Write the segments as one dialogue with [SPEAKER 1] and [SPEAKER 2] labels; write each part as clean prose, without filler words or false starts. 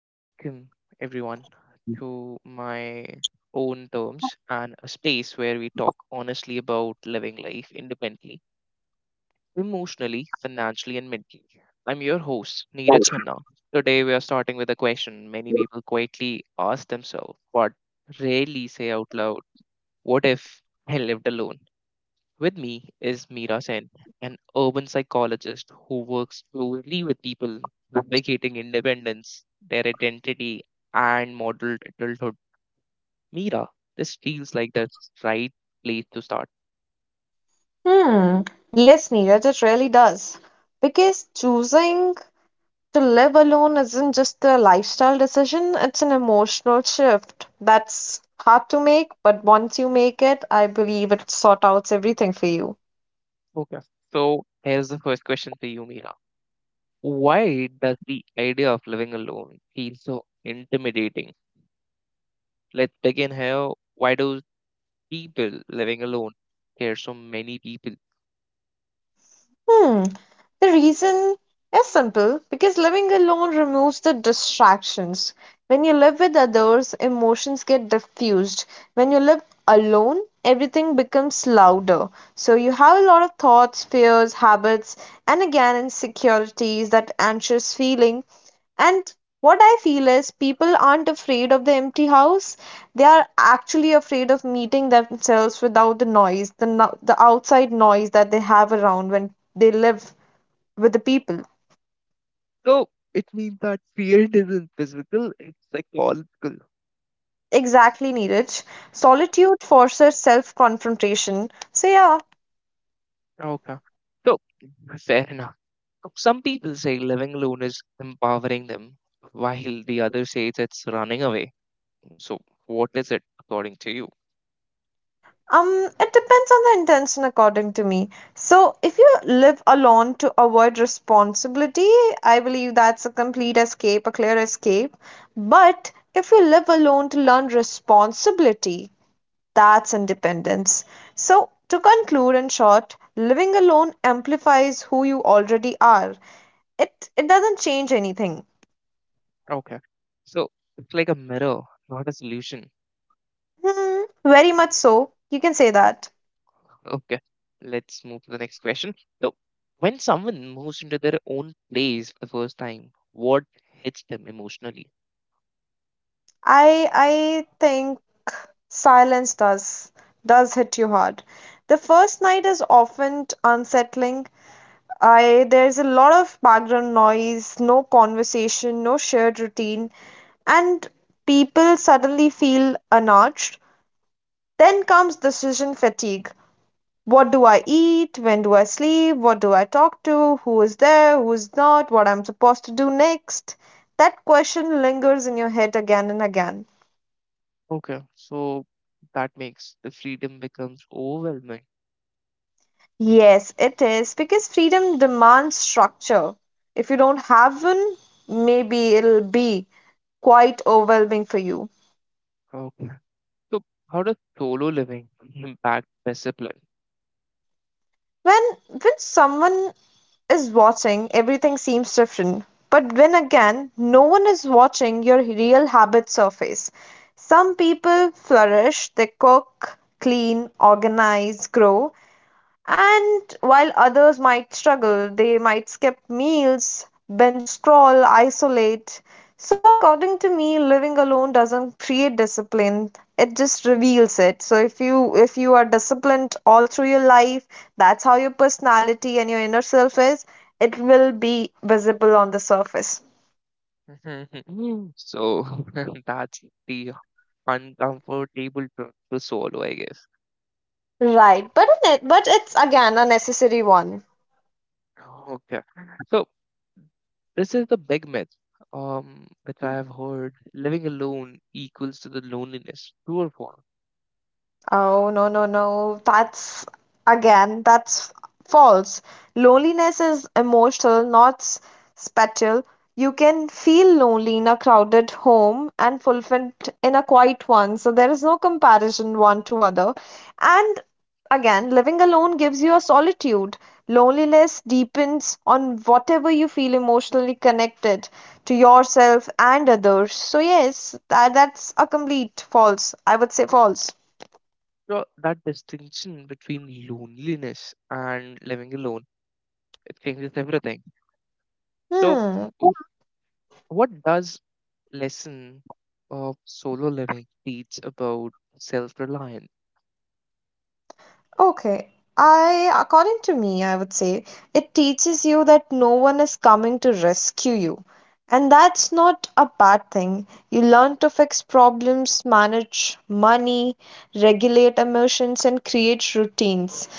[SPEAKER 1] Welcome, everyone, to My Own Terms, and a space where we talk honestly about living life independently, emotionally, financially, and mentally. I'm your host, Neeraj Khanna. Today, we are starting with a question many people quietly ask themselves, but rarely say out loud. What if I lived alone? With me is Meera Sen, an urban psychologist who works closely with people navigating independence, their identity, and model adulthood. Meera, this feels like the right place to start.
[SPEAKER 2] Hmm. Yes, Neeraj, it really does. Because choosing to live alone isn't just a lifestyle decision, it's an emotional shift that's hard to make, but once you make it, I believe it sort outs everything for you.
[SPEAKER 1] Okay. So here's the first question for you, Meera. Why does the idea of living alone feel so intimidating? Let's begin here. Why do people living alone scare so many people?
[SPEAKER 2] Hmm. The reason is simple because living alone removes the distractions. When you live with others, emotions get diffused. When you live alone, everything becomes louder. So you have a lot of thoughts, fears, habits, and again insecurities, that anxious feeling and what I feel is people aren't afraid of the empty house. They are actually afraid of meeting themselves without the noise, the, the outside noise that they have around when they live with the people.
[SPEAKER 1] So it means that field isn't physical, it's psychological.
[SPEAKER 2] Exactly, Neeraj. Solitude forces self confrontation. So, yeah.
[SPEAKER 1] Okay. So fair enough. So some people say living alone is empowering them, while the other says it's running away. So what is it according to you?
[SPEAKER 2] Um, it depends on the intention, according to me. So, if you live alone to avoid responsibility, I believe that's a complete escape, a clear escape. But if you live alone to learn responsibility, that's independence. So, to conclude in short, living alone amplifies who you already are. It doesn't change anything.
[SPEAKER 1] Okay. So it's like a mirror, not a solution.
[SPEAKER 2] Hmm, very much so. You can say
[SPEAKER 1] Oh,
[SPEAKER 2] that.
[SPEAKER 1] okay. Let's move to the next question. So when someone moves into their own place for the first time, what hits them emotionally?
[SPEAKER 2] I think silence does hit you hard. The first night is often unsettling. I there's a lot of background noise, no conversation, no shared routine, and people suddenly feel unnudged. Then comes decision fatigue. What do I eat? When do I sleep? What do I talk to? Who is there? Who's not? What I'm supposed to do next? That question lingers in your head again and again.
[SPEAKER 1] Okay, so that makes the freedom becomes overwhelming.
[SPEAKER 2] Yes, it is because freedom demands structure. If you don't have one, maybe it'll be quite overwhelming for you.
[SPEAKER 1] Okay. So how does solo living impact discipline?
[SPEAKER 2] When when someone is watching, everything seems different. But when again, no one is watching, your real habits surface. Some people flourish, they cook, clean, organize, grow, and while others might struggle, they might skip meals, binge scroll, isolate. So, according to me, living alone doesn't create discipline. It just reveals it. So if you are disciplined all through your life, that's how your personality and your inner self is, it will be visible on the surface.
[SPEAKER 1] So that's the uncomfortable truth to solo, I guess.
[SPEAKER 2] Right. But it's again a necessary one.
[SPEAKER 1] Okay. So this is the big myth, which I have heard: living alone equals to the loneliness. True or false?
[SPEAKER 2] Oh, no, no, no. That's again, that's false. Loneliness is emotional, not spatial. You can feel lonely in a crowded home and fulfilled in a quiet one. So there is no comparison one to other. And again, living alone gives you a solitude. Loneliness deepens on whatever you feel emotionally connected to yourself and others. So yes, that's a complete false. I would say false.
[SPEAKER 1] So that distinction between loneliness and living alone, it changes everything. So
[SPEAKER 2] 嗯，
[SPEAKER 1] what does lesson of solo living teach about self-reliance?
[SPEAKER 2] Okay. According to me, I would say it teaches you that no one is coming to rescue you. And that's not a bad thing. You learn to fix problems, manage money, regulate emotions, and create routines.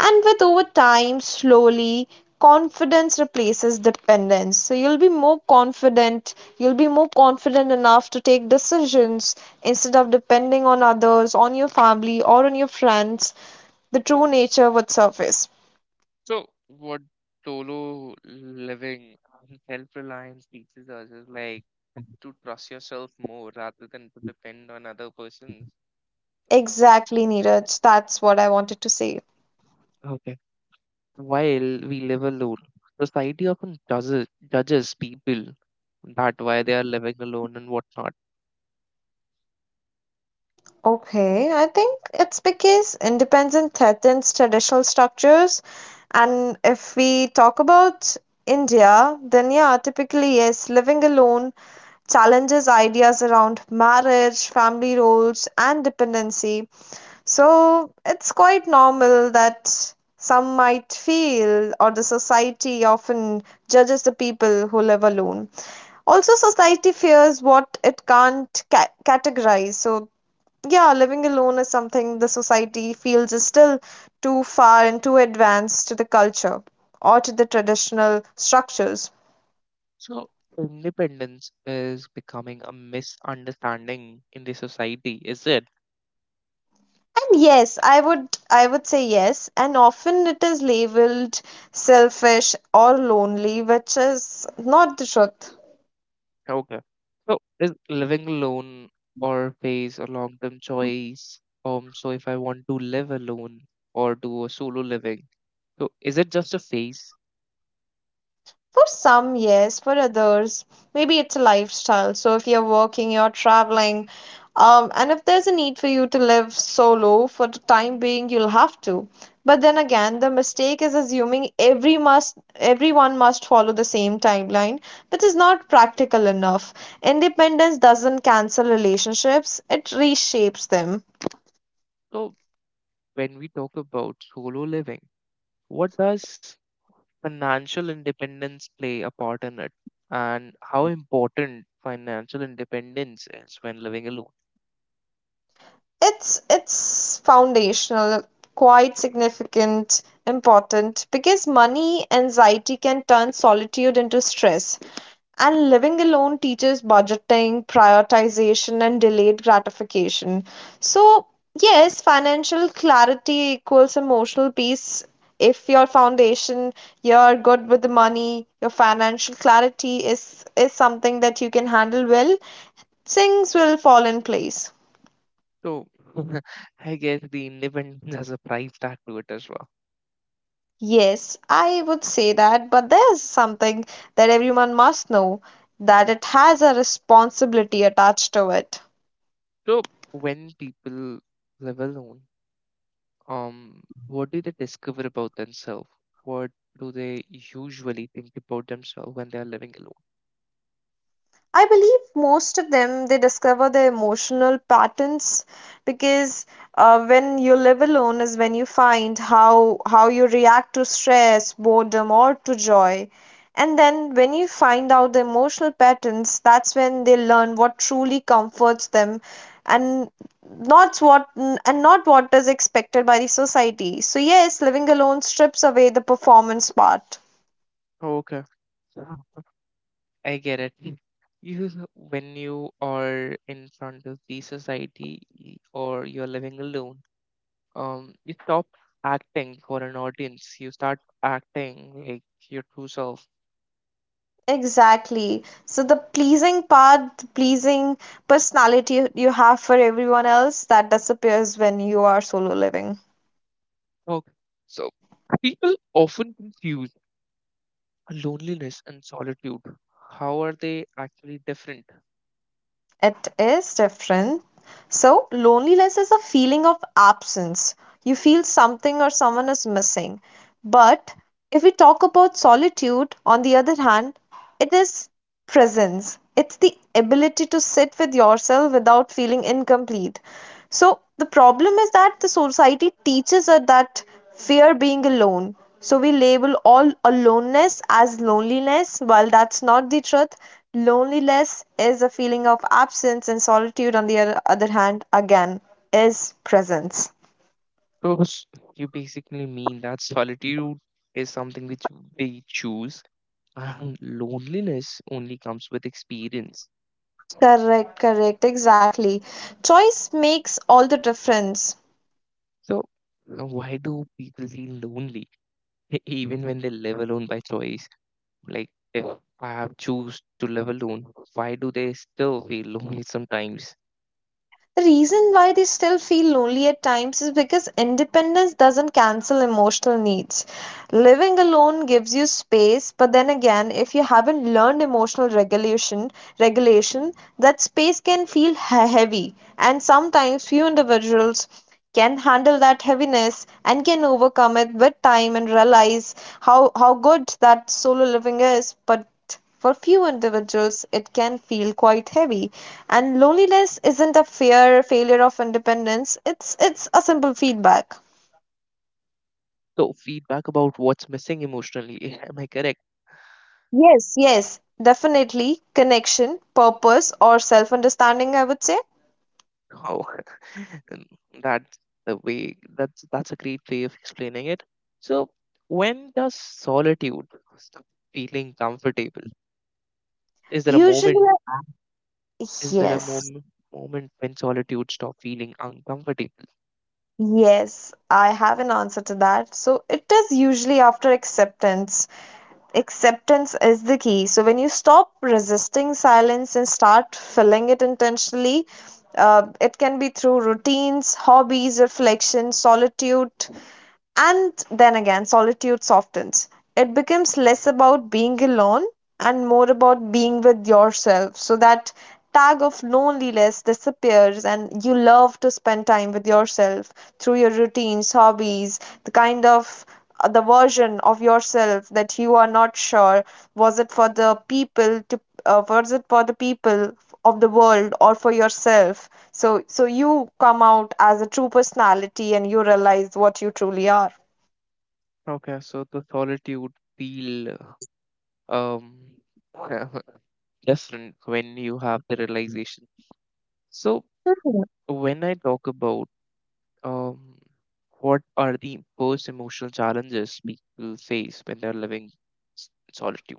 [SPEAKER 2] And with over time, slowly, confidence replaces dependence. So you'll be more confident, you'll be more confident enough to take decisions instead of depending on others, on your family, or on your friends the true nature would surface.
[SPEAKER 1] So what solo living and self-reliance teaches us is like to trust yourself more rather than to depend on other persons.
[SPEAKER 2] Exactly, Neeraj. That's what I wanted to say.
[SPEAKER 1] Okay. While we live alone, society often judges people that why they are living alone and whatnot.
[SPEAKER 2] Okay, I think it's because independence threatens traditional structures. And if we talk about India, then yeah, typically, yes, living alone challenges ideas around marriage, family roles, and dependency. So it's quite normal that some might feel, or the society often judges the people who live alone. Also, society fears what it can't categorize. So, yeah, living alone is something the society feels is still too far and too advanced to the culture or to the traditional structures.
[SPEAKER 1] So independence is becoming a misunderstanding in the society, is it?
[SPEAKER 2] And yes, I would say yes, and often it is labeled selfish or lonely, which is not the truth.
[SPEAKER 1] Okay. So is living alone or phase a long-term choice? So if I want to live alone or do a solo living, so is it just a phase?
[SPEAKER 2] For some, yes, for others, maybe it's a lifestyle. So if you're working, you're traveling, and if there's a need for you to live solo for the time being, you'll have to. But then again, the mistake is assuming every must everyone must follow the same timeline, which is not practical enough. Independence doesn't cancel relationships, it reshapes them.
[SPEAKER 1] So when we talk about solo living, what does financial independence play a part in it? And how important financial independence is when living alone?
[SPEAKER 2] It's foundational, quite significant, important because money anxiety can turn solitude into stress. And living alone teaches budgeting, prioritization, and delayed gratification. So, yes, financial clarity equals emotional peace. If your foundation, you're good with the money, your financial clarity is something that you can handle well, things will fall in place.
[SPEAKER 1] So I guess the independence has a price tag to it as well.
[SPEAKER 2] Yes, I would say that, but there's something that everyone must know that it has a responsibility attached to it.
[SPEAKER 1] So when people live alone, what do they discover about themselves? What do they usually think about themselves when they are living alone?
[SPEAKER 2] I believe most of them they discover their emotional patterns because when you live alone is when you find how you react to stress, boredom, or to joy. And then when you find out the emotional patterns, that's when they learn what truly comforts them and and not what is expected by the society. So yes, living alone strips away the performance part.
[SPEAKER 1] Okay, yeah. I get it. Mm. You, when you are in front of the society or you're living alone, you stop acting for an audience. You start acting like your true self.
[SPEAKER 2] Exactly. So the pleasing part, the pleasing personality you have for everyone else, that disappears when you are solo living.
[SPEAKER 1] Okay. So people often confuse loneliness and solitude. How are they actually different?
[SPEAKER 2] It is different. So, loneliness is a feeling of absence. You feel something or someone is missing. But if we talk about solitude, on the other hand, it is presence. It's the ability to sit with yourself without feeling incomplete. So, the problem is that the society teaches us that fear being alone. So we label all aloneness as loneliness. While that's not the truth, loneliness is a feeling of absence, and solitude, on the other other hand, again, is presence.
[SPEAKER 1] Because you basically mean that solitude is something which we choose, and loneliness only comes with experience.
[SPEAKER 2] Correct, correct, exactly. Choice makes all the difference.
[SPEAKER 1] So, why do people feel lonely even when they live alone by choice? Like, if I have choose to live alone, why do they still feel lonely sometimes?
[SPEAKER 2] The reason why they still feel lonely at times is because independence doesn't cancel emotional needs. Living alone gives you space, but then again, if you haven't learned emotional regulation, regulation, that space can feel heavy, and sometimes few individuals can handle that heaviness and can overcome it with time and realize how good that solo living is, but for few individuals, it can feel quite heavy, and loneliness isn't a fear failure of independence. It's a simple feedback.
[SPEAKER 1] So, feedback about what's missing emotionally. Am I correct?
[SPEAKER 2] Yes, yes, definitely connection, purpose, or self-understanding. I would say
[SPEAKER 1] Oh, and that's the way. That's a great way of explaining it. So, when does solitude stop feeling comfortable? Is there a
[SPEAKER 2] usually
[SPEAKER 1] moment? Is there a
[SPEAKER 2] yes,
[SPEAKER 1] moment when solitude stop feeling uncomfortable?
[SPEAKER 2] yes. I have an answer to that. So it is usually after acceptance. Acceptance is the key. So when you stop resisting silence and start filling it intentionally, it can be through routines, hobbies, reflection, solitude, and then again, solitude softens. It becomes less about being alone and more about being with yourself. So that tag of loneliness disappears, and you love to spend time with yourself through your routines, hobbies, the kind of the version of yourself that you are not sure was it for the people to was it for the people of the world or for yourself so, so you come out as a true personality and you realize what you truly are.
[SPEAKER 1] Okay, so the solitude feel um different when you have the realization. So, when I talk about, um, what are the most emotional challenges people face when they're living solitude?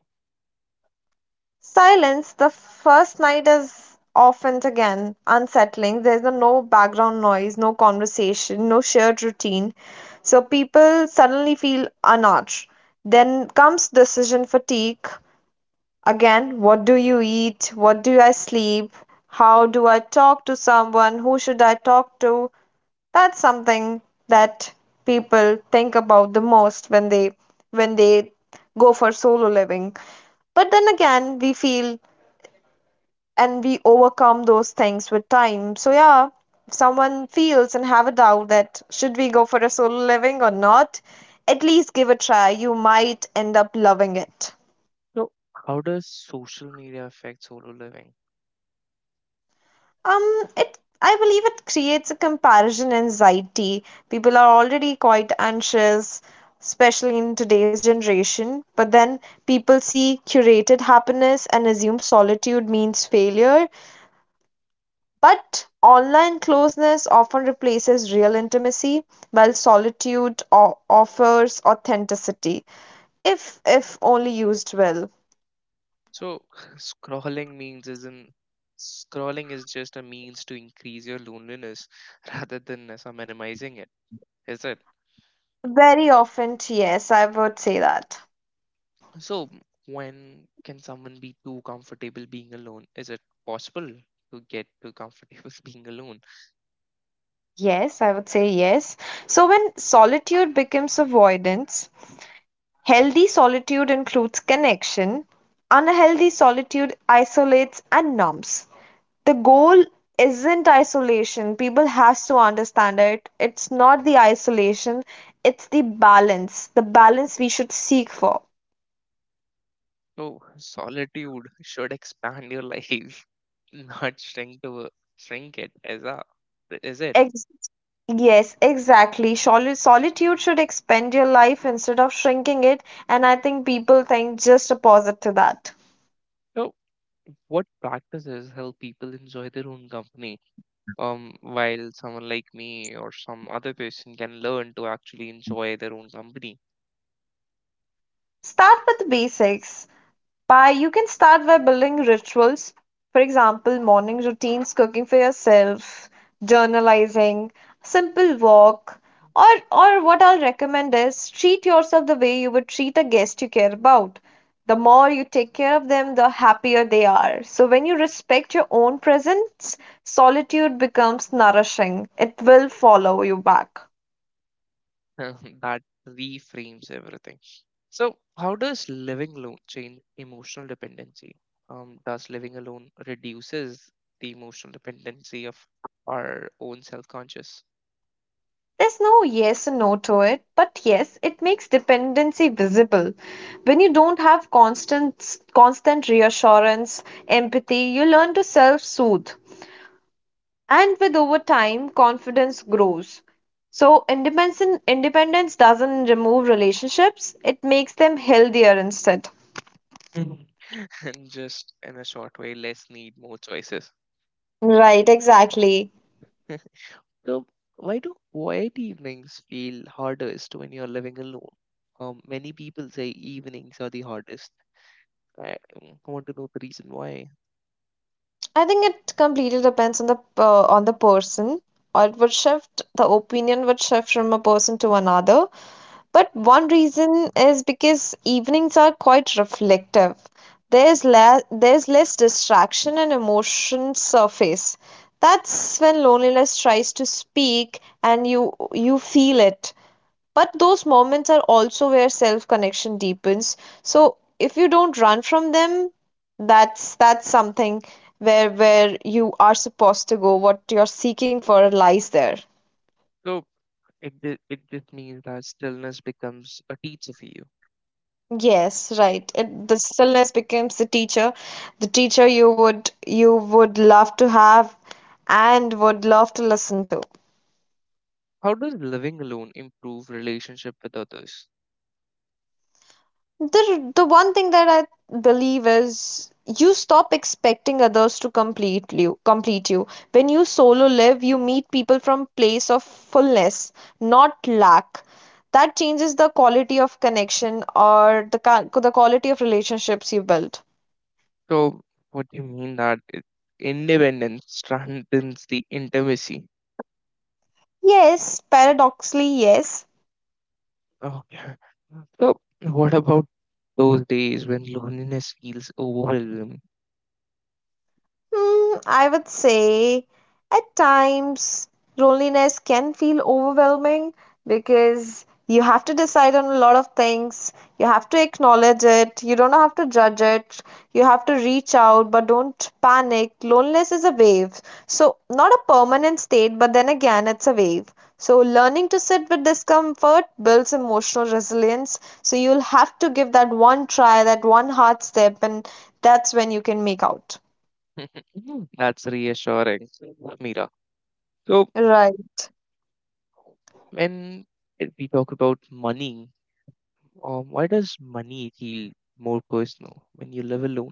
[SPEAKER 2] Silence, the first night is often again unsettling. There's no background noise, no conversation, no shared routine. So people suddenly feel unarched. Then comes decision fatigue. Again, what do you eat? What do I sleep? How do I talk to someone? Who should I talk to? That's something that people think about the most when they go for solo living. But then again, we feel and we overcome those things with time. So yeah, if someone feels and have a doubt that should we go for a solo living or not, at least give a try. You might end up loving it.
[SPEAKER 1] So, how does social media affect solo living?
[SPEAKER 2] It I believe it creates a comparison anxiety. People are already quite anxious, especially in today's generation. But then people see curated happiness and assume solitude means failure. But online closeness often replaces real intimacy, while solitude offers authenticity, if only used well.
[SPEAKER 1] So, scrolling means isn't scrolling is just a means to increase your loneliness rather than as a minimizing it, is it?
[SPEAKER 2] Very often, yes, I would say that.
[SPEAKER 1] So, when can someone be too comfortable being alone? Is it possible to get too comfortable being alone?
[SPEAKER 2] Yes, I would say yes. So, when solitude becomes avoidance, healthy solitude includes connection, unhealthy solitude isolates and numbs. The goal isn't isolation. People has to understand it. It's not the isolation, it's the balance. The balance we should seek for.
[SPEAKER 1] Oh, solitude should expand your life, not shrink it. Is it?
[SPEAKER 2] Ex- yes, exactly. Solitude should expand your life instead of shrinking it, and I think people think just opposite to that.
[SPEAKER 1] So, what practices help people enjoy their own company? While someone like me or some other person can learn to actually enjoy their own company,
[SPEAKER 2] Start with basics by you can start by building rituals. For example, morning routines, cooking for yourself, journalizing, simple walk, or what I'll recommend is treat yourself the way you would treat a guest you care about. The more you take care of them, the happier they are. So when you respect your own presence, solitude becomes nourishing. It will follow you back.
[SPEAKER 1] that reframes everything. So, how does living alone change emotional dependency? Does living alone reduces the emotional dependency of our own self-conscious?
[SPEAKER 2] There's no yes and no to it, but yes, it makes dependency visible. When you don't have constant reassurance, empathy, you learn to self-soothe. And with over time, confidence grows. So independence doesn't remove relationships, it makes them healthier instead.
[SPEAKER 1] And just in a short way, less need, more choices.
[SPEAKER 2] Right, exactly.
[SPEAKER 1] So, why do quiet evenings feel hardest when you're living alone? Many people say evenings are the hardest. I I want to know the reason why.
[SPEAKER 2] I think it completely depends on the person, or it would shift, the opinion would shift from a person to another. But one reason is because evenings are quite reflective. There's there's less distraction and emotions surface. That's when loneliness tries to speak and you feel it. But those moments are also where self connection deepens. So if you don't run from them, that's something where you are supposed to go. What you're seeking for lies there.
[SPEAKER 1] So, it just means that stillness becomes a teacher for you.
[SPEAKER 2] Yes, right. It, the stillness becomes the teacher you would love to have and would love to listen to.
[SPEAKER 1] How does living alone improve relationship with others?
[SPEAKER 2] The one thing that I believe is you stop expecting others to complete you. When you solo live, you meet people from place of fullness, not lack. That changes the quality of connection or the the quality of relationships you build.
[SPEAKER 1] So, what do you mean that independence strengthens the intimacy?
[SPEAKER 2] Yes, paradoxically, yes.
[SPEAKER 1] Okay. So, what about those days when loneliness feels overwhelming?
[SPEAKER 2] I would say at times loneliness can feel overwhelming because you have to decide on a lot of things. You have to acknowledge it. You don't have to judge it. You have to reach out, but don't panic. Loneliness is a wave. So, not a permanent state, but then again, it's a wave. So, learning to sit with discomfort builds emotional resilience. So, you'll have to give that one try, that one hard step, and that's when you can make out.
[SPEAKER 1] That's reassuring, Mira. So,
[SPEAKER 2] Right.
[SPEAKER 1] when we talk about money, why does money feel more personal when you live alone?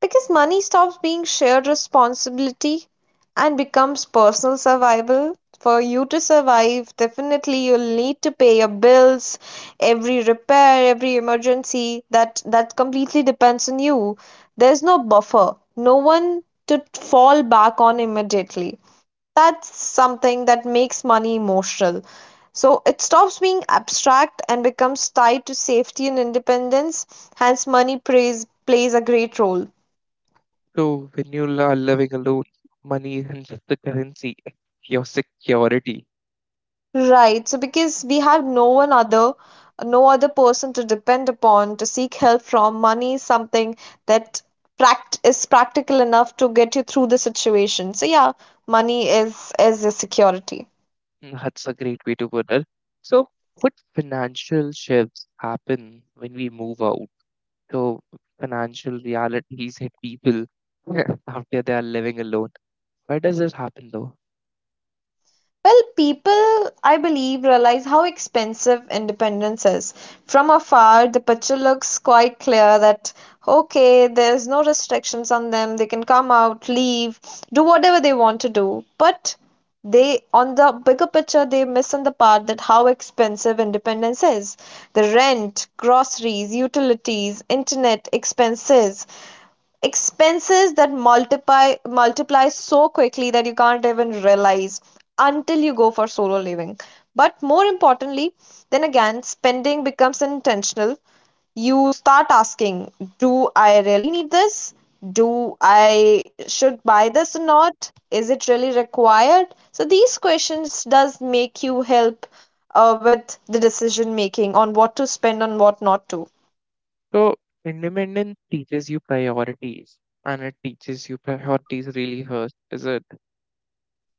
[SPEAKER 2] Because money stops being shared responsibility and becomes personal survival. For you to survive, definitely you'll need to pay your bills, every repair, every emergency. That completely depends on you. There's no buffer, no one to fall back on immediately. That's something that makes money emotional. So it stops being abstract and becomes tied to safety and independence. Hence, money plays a great role.
[SPEAKER 1] So, when you are living alone, money isn't just the currency, your security.
[SPEAKER 2] Right. So because we have no one other, no other person to depend upon to seek help from, money is something that pract is practical enough to get you through the situation. So yeah, money is your security.
[SPEAKER 1] That's a great way to put it. So, what financial shifts happen when we move out? So financial realities hit people after they are living alone. Why does this happen though?
[SPEAKER 2] Well, people, I believe, realize how expensive independence is. From afar, the picture looks quite clear that, okay, there's no restrictions on them. They can come out, leave, do whatever they want to do. But they, on the bigger picture, they miss on the part that how expensive independence is. The rent, groceries, utilities, internet expenses that multiply so quickly that you can't even realize until you go for solo living. But more importantly, then again, spending becomes intentional. You start asking, do I really need this? Do I should buy this or not? Is it really required? So these questions does make you help with the decision making on what to spend on what not to.
[SPEAKER 1] So independence teaches you priorities, and it teaches you priorities really hurt, is it?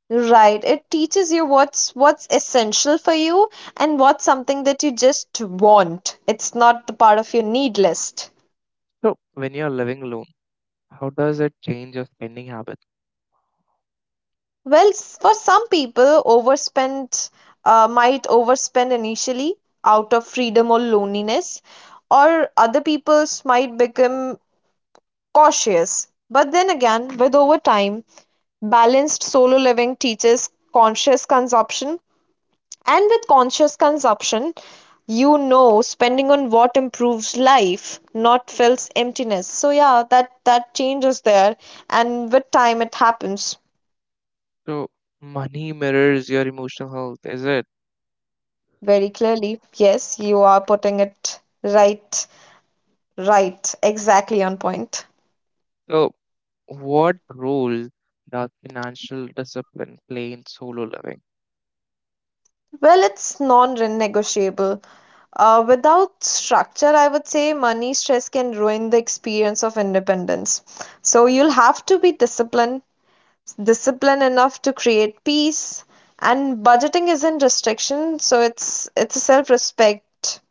[SPEAKER 2] Right. It teaches you what's essential for you and what's something that you just want. It's not the part of your need list.
[SPEAKER 1] So when you're living alone, how does it change your spending habits?
[SPEAKER 2] Well, for some people, overspend might overspend initially out of freedom or loneliness, or other people's might become cautious. But then again, with over time, balanced solo living teaches conscious consumption. And with conscious consumption, you know, spending on what improves life, not fills emptiness. So yeah, that change is there, and with time it happens
[SPEAKER 1] So money mirrors your emotional health, is it?
[SPEAKER 2] very clearly. Yes, you are putting it right, right, exactly on point.
[SPEAKER 1] So what role does financial discipline play in solo living?
[SPEAKER 2] Well, it's non-negotiable. Without structure, I would say money stress can ruin the experience of independence. So you'll have to be discipline enough to create peace, and budgeting isn't restriction, so it's a self-respect.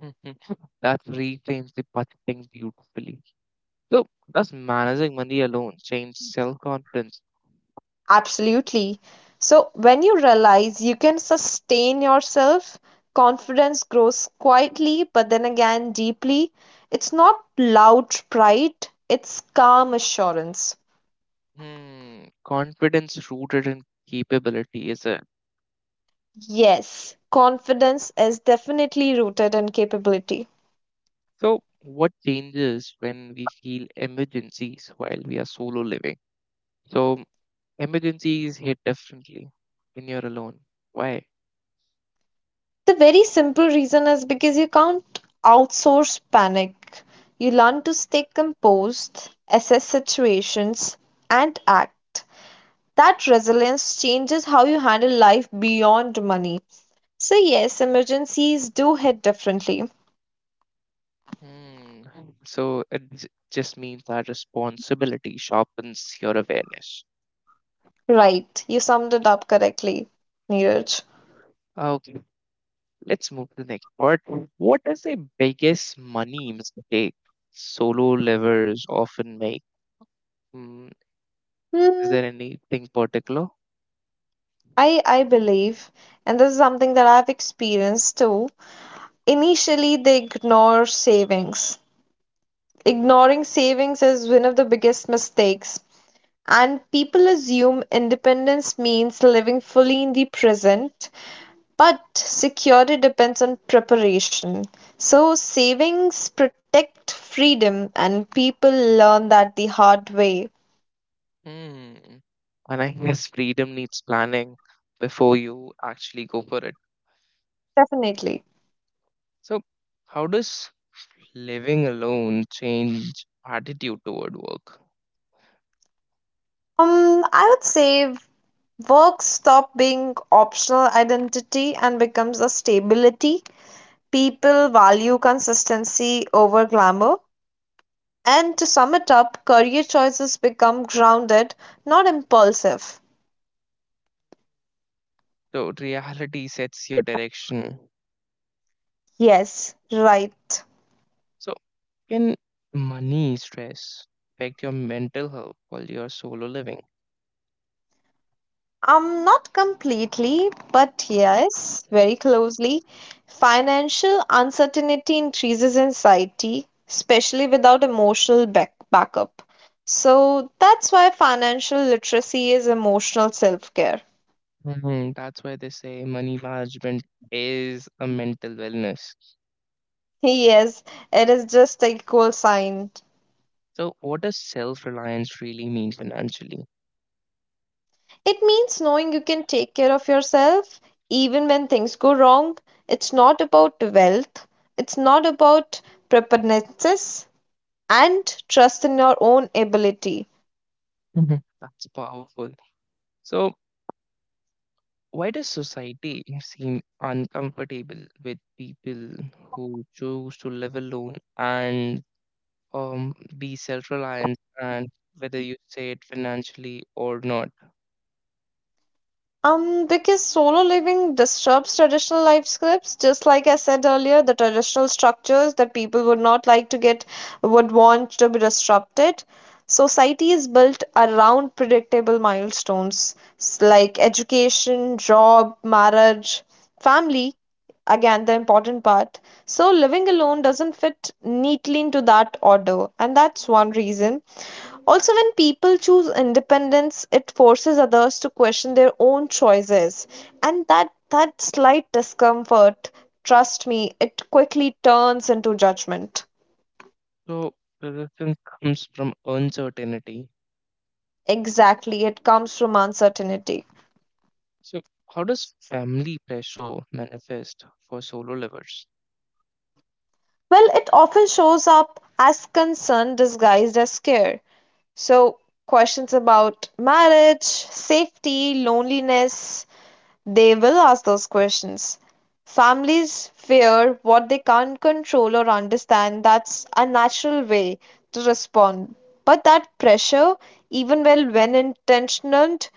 [SPEAKER 1] That reframes the budgeting beautifully. So, does managing money alone change self confidence?
[SPEAKER 2] Absolutely. So when you realize you can sustain yourself, confidence grows quietly but then again deeply. It's not loud pride, it's calm assurance.
[SPEAKER 1] Hmm, confidence rooted in capability, is it?
[SPEAKER 2] Yes, confidence is definitely rooted in capability.
[SPEAKER 1] So, what changes when we feel emergencies while we are solo living? So, emergencies hit differently when you're alone. Why?
[SPEAKER 2] The very simple reason is because you can't outsource panic. You learn to stay composed, assess situations, and act. That resilience changes how you handle life beyond money. So, yes, emergencies do hit differently.
[SPEAKER 1] Hmm. So, it just means that responsibility sharpens your awareness.
[SPEAKER 2] Right, you summed it up correctly, Neeraj.
[SPEAKER 1] Okay. Let's move to the next part. What is the biggest money mistake solo livers often make? Mm, is
[SPEAKER 2] Hmm,
[SPEAKER 1] there anything particular?
[SPEAKER 2] I believe, and this is something that I've experienced too. Initially, they ignore savings ignoring savings is one of the biggest mistakes. And people assume independence means living fully in the present, but security depends on preparation. So, savings protect freedom, and people learn that the hard way.
[SPEAKER 1] Mm. And I guess freedom needs planning before you actually go for it.
[SPEAKER 2] Definitely.
[SPEAKER 1] So, how does living alone change attitude toward work?
[SPEAKER 2] I would say work stop being optional identity and becomes a stability. People value consistency over glamour. And to sum it up, career choices become grounded, not impulsive.
[SPEAKER 1] So, reality sets your direction.
[SPEAKER 2] Yes, right.
[SPEAKER 1] So, can money stress affect your mental health while you're solo living?
[SPEAKER 2] Not completely, but yes, very closely. Financial uncertainty increases anxiety, especially without emotional backup. So that's why financial literacy is emotional self-care.
[SPEAKER 1] Mhm. That's why they say money management is a mental wellness.
[SPEAKER 2] Yes, it is just equal sign.
[SPEAKER 1] So, what does self reliance really mean financially?
[SPEAKER 2] It means knowing you can take care of yourself even when things go wrong. It's not about wealth, it's not about preponderance, and trust in your own ability.
[SPEAKER 1] Mhm. That's powerful. So, why does society seem uncomfortable with people who choose to live alone and, be self reliant, and whether you say it financially or not?
[SPEAKER 2] Because solo living disturbs traditional life scripts, just like I said earlier, the traditional structures that people would not like to get would want to be disrupted. Society is built around predictable milestones like education, job, marriage, family, again, the important part. So living alone doesn't fit neatly into that order, and that's one reason. Also, when people choose independence, it forces others to question their own choices. And that slight discomfort, trust me, it quickly turns into judgment.
[SPEAKER 1] So resistance comes from uncertainty.
[SPEAKER 2] Exactly, it comes from uncertainty.
[SPEAKER 1] So how does family pressure manifest for solo livers?
[SPEAKER 2] Well, it often shows up as concern disguised as care. So, questions about marriage, safety, loneliness, they will ask those questions. Families fear what they can't control or understand. That's a natural way to respond. But that pressure, even well when intentioned,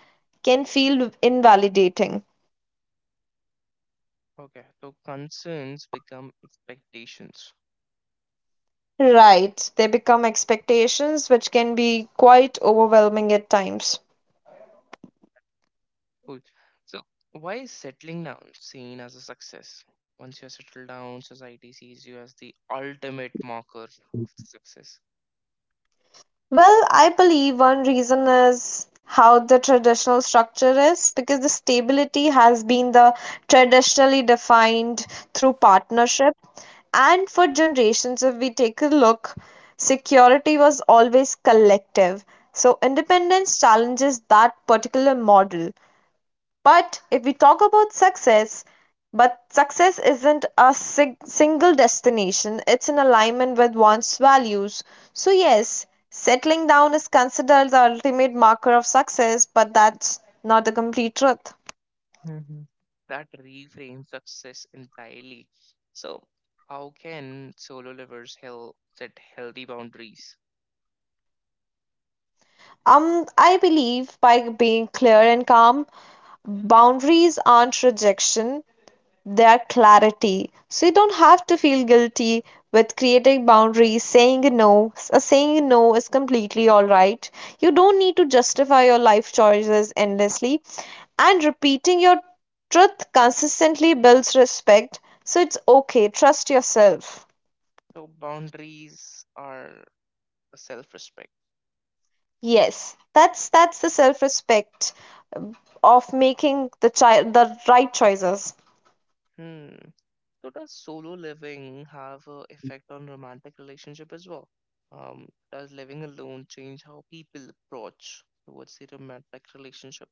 [SPEAKER 2] can feel invalidating.
[SPEAKER 1] Okay, so concerns become expectations.
[SPEAKER 2] Right, they become expectations which can be quite overwhelming at times.
[SPEAKER 1] Cool. So why is settling down seen as a success? Once you're settled down, society sees you as the ultimate marker of the success.
[SPEAKER 2] Well, I believe one reason is how the traditional structure is, because the stability has been the traditionally defined through partnership, and for generations, if we take a look, security was always collective, so independence challenges that particular model. But if we talk about success, but success isn't a single destination, it's in alignment with one's values. So, yes, settling down is considered the ultimate marker of success, but that's not the complete truth.
[SPEAKER 1] Mhm. That reframes success entirely. So how can solo livers help set healthy boundaries?
[SPEAKER 2] I believe by being clear and calm, boundaries aren't rejection, their clarity. So you don't have to feel guilty with creating boundaries, saying no. A saying no is completely all right. You don't need to justify your life choices endlessly, and repeating your truth consistently builds respect. So it's okay. Trust yourself.
[SPEAKER 1] So boundaries are self-respect.
[SPEAKER 2] Yes, that's the self-respect of making the child the right choices.
[SPEAKER 1] Hmm. So does solo living have an effect on romantic relationship as well? Does living alone change how people approach towards the romantic relationship?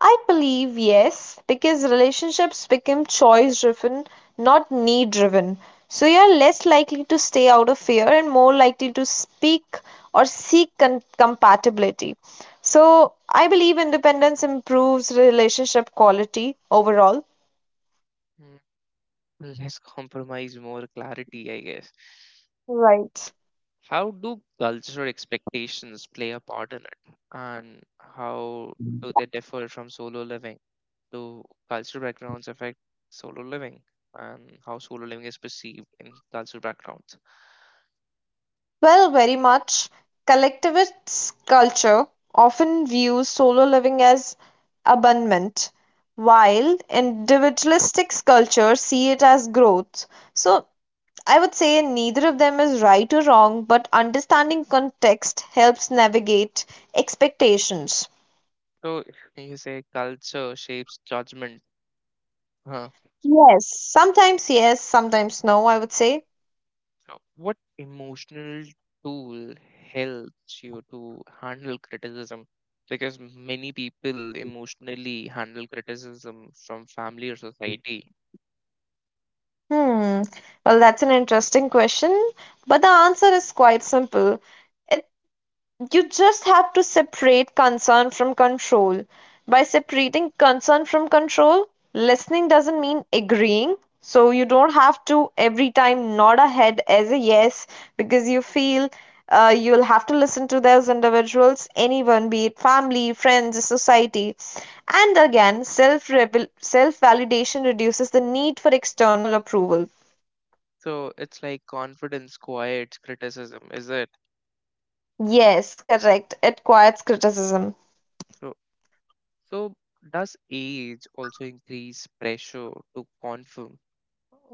[SPEAKER 2] I believe yes, because relationships become choice driven, not need driven. So you're less likely to stay out of fear and more likely to speak or seek compatibility. So I believe independence improves relationship quality overall.
[SPEAKER 1] Mm, less compromise, more clarity, I guess.
[SPEAKER 2] Right.
[SPEAKER 1] How do cultural expectations play a part in it? And how do they differ from solo living? Do cultural backgrounds affect solo living, and how solo living is perceived in cultural backgrounds?
[SPEAKER 2] Well, very much. Collectivist culture often views solo living as abandonment, while individualistic cultures see it as growth. So, I would say neither of them is right or wrong, but understanding context helps navigate expectations.
[SPEAKER 1] So you say culture shapes judgment. Huh.
[SPEAKER 2] Yes, sometimes no, I would say.
[SPEAKER 1] So what emotional tool helps you to handle criticism? Because many people emotionally handle criticism from family or society.
[SPEAKER 2] Hmm, well, that's an interesting question, but the answer is quite simple. You just have to separate concern from control. By separating concern from control, listening doesn't mean agreeing. So you don't have to every time nod a head as a yes because you feel you'll have to listen to those individuals, anyone, be it family, friends, society. And again, self validation reduces the need for external approval.
[SPEAKER 1] So it's like confidence quiets criticism, is it?
[SPEAKER 2] Yes, correct. It quiets criticism.
[SPEAKER 1] So, so does age also increase pressure to conform,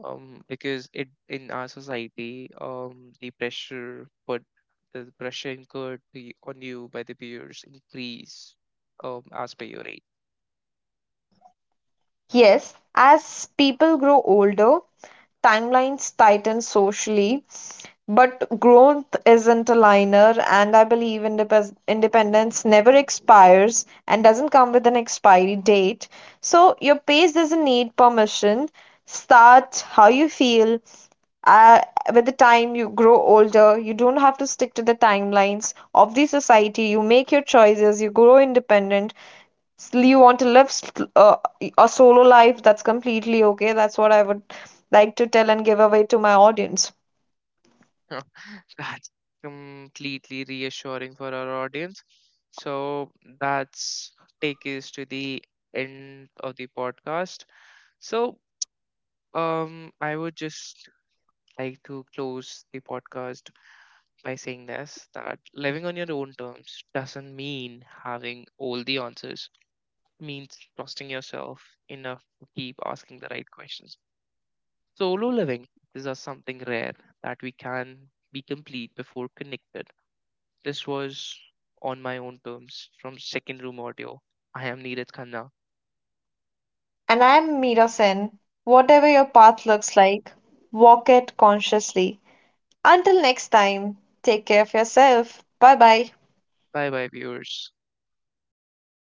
[SPEAKER 1] because it in our society, the pressure put the pressure incurred to on you by the peers increase, as per your age?
[SPEAKER 2] Yes, as people grow older, timelines tighten socially, but growth isn't a linear, and I believe independence never expires and doesn't come with an expiry date. So your pace doesn't need permission. Start how you feel. Uh, with the time you grow older, you don't have to stick to the timelines of the society. You make your choices, you grow independent, you want to live uh, a solo life, that's completely okay. That's what I would like to tell and give away to my audience.
[SPEAKER 1] That's completely reassuring for our audience. So that's take us to the end of the podcast. So, I would just like to close the podcast by saying this that living on your own terms doesn't mean having all the answers. It means trusting yourself enough to keep asking the right questions. Solo living is just something rare that we can be complete before connected. This was On My Own Terms from Second Room Audio. I am Neeraj Khanna.
[SPEAKER 2] And I'm Meera Sen. Whatever your path looks like, walk it consciously. Until next time, take care of yourself. Bye bye.
[SPEAKER 1] Bye bye, viewers.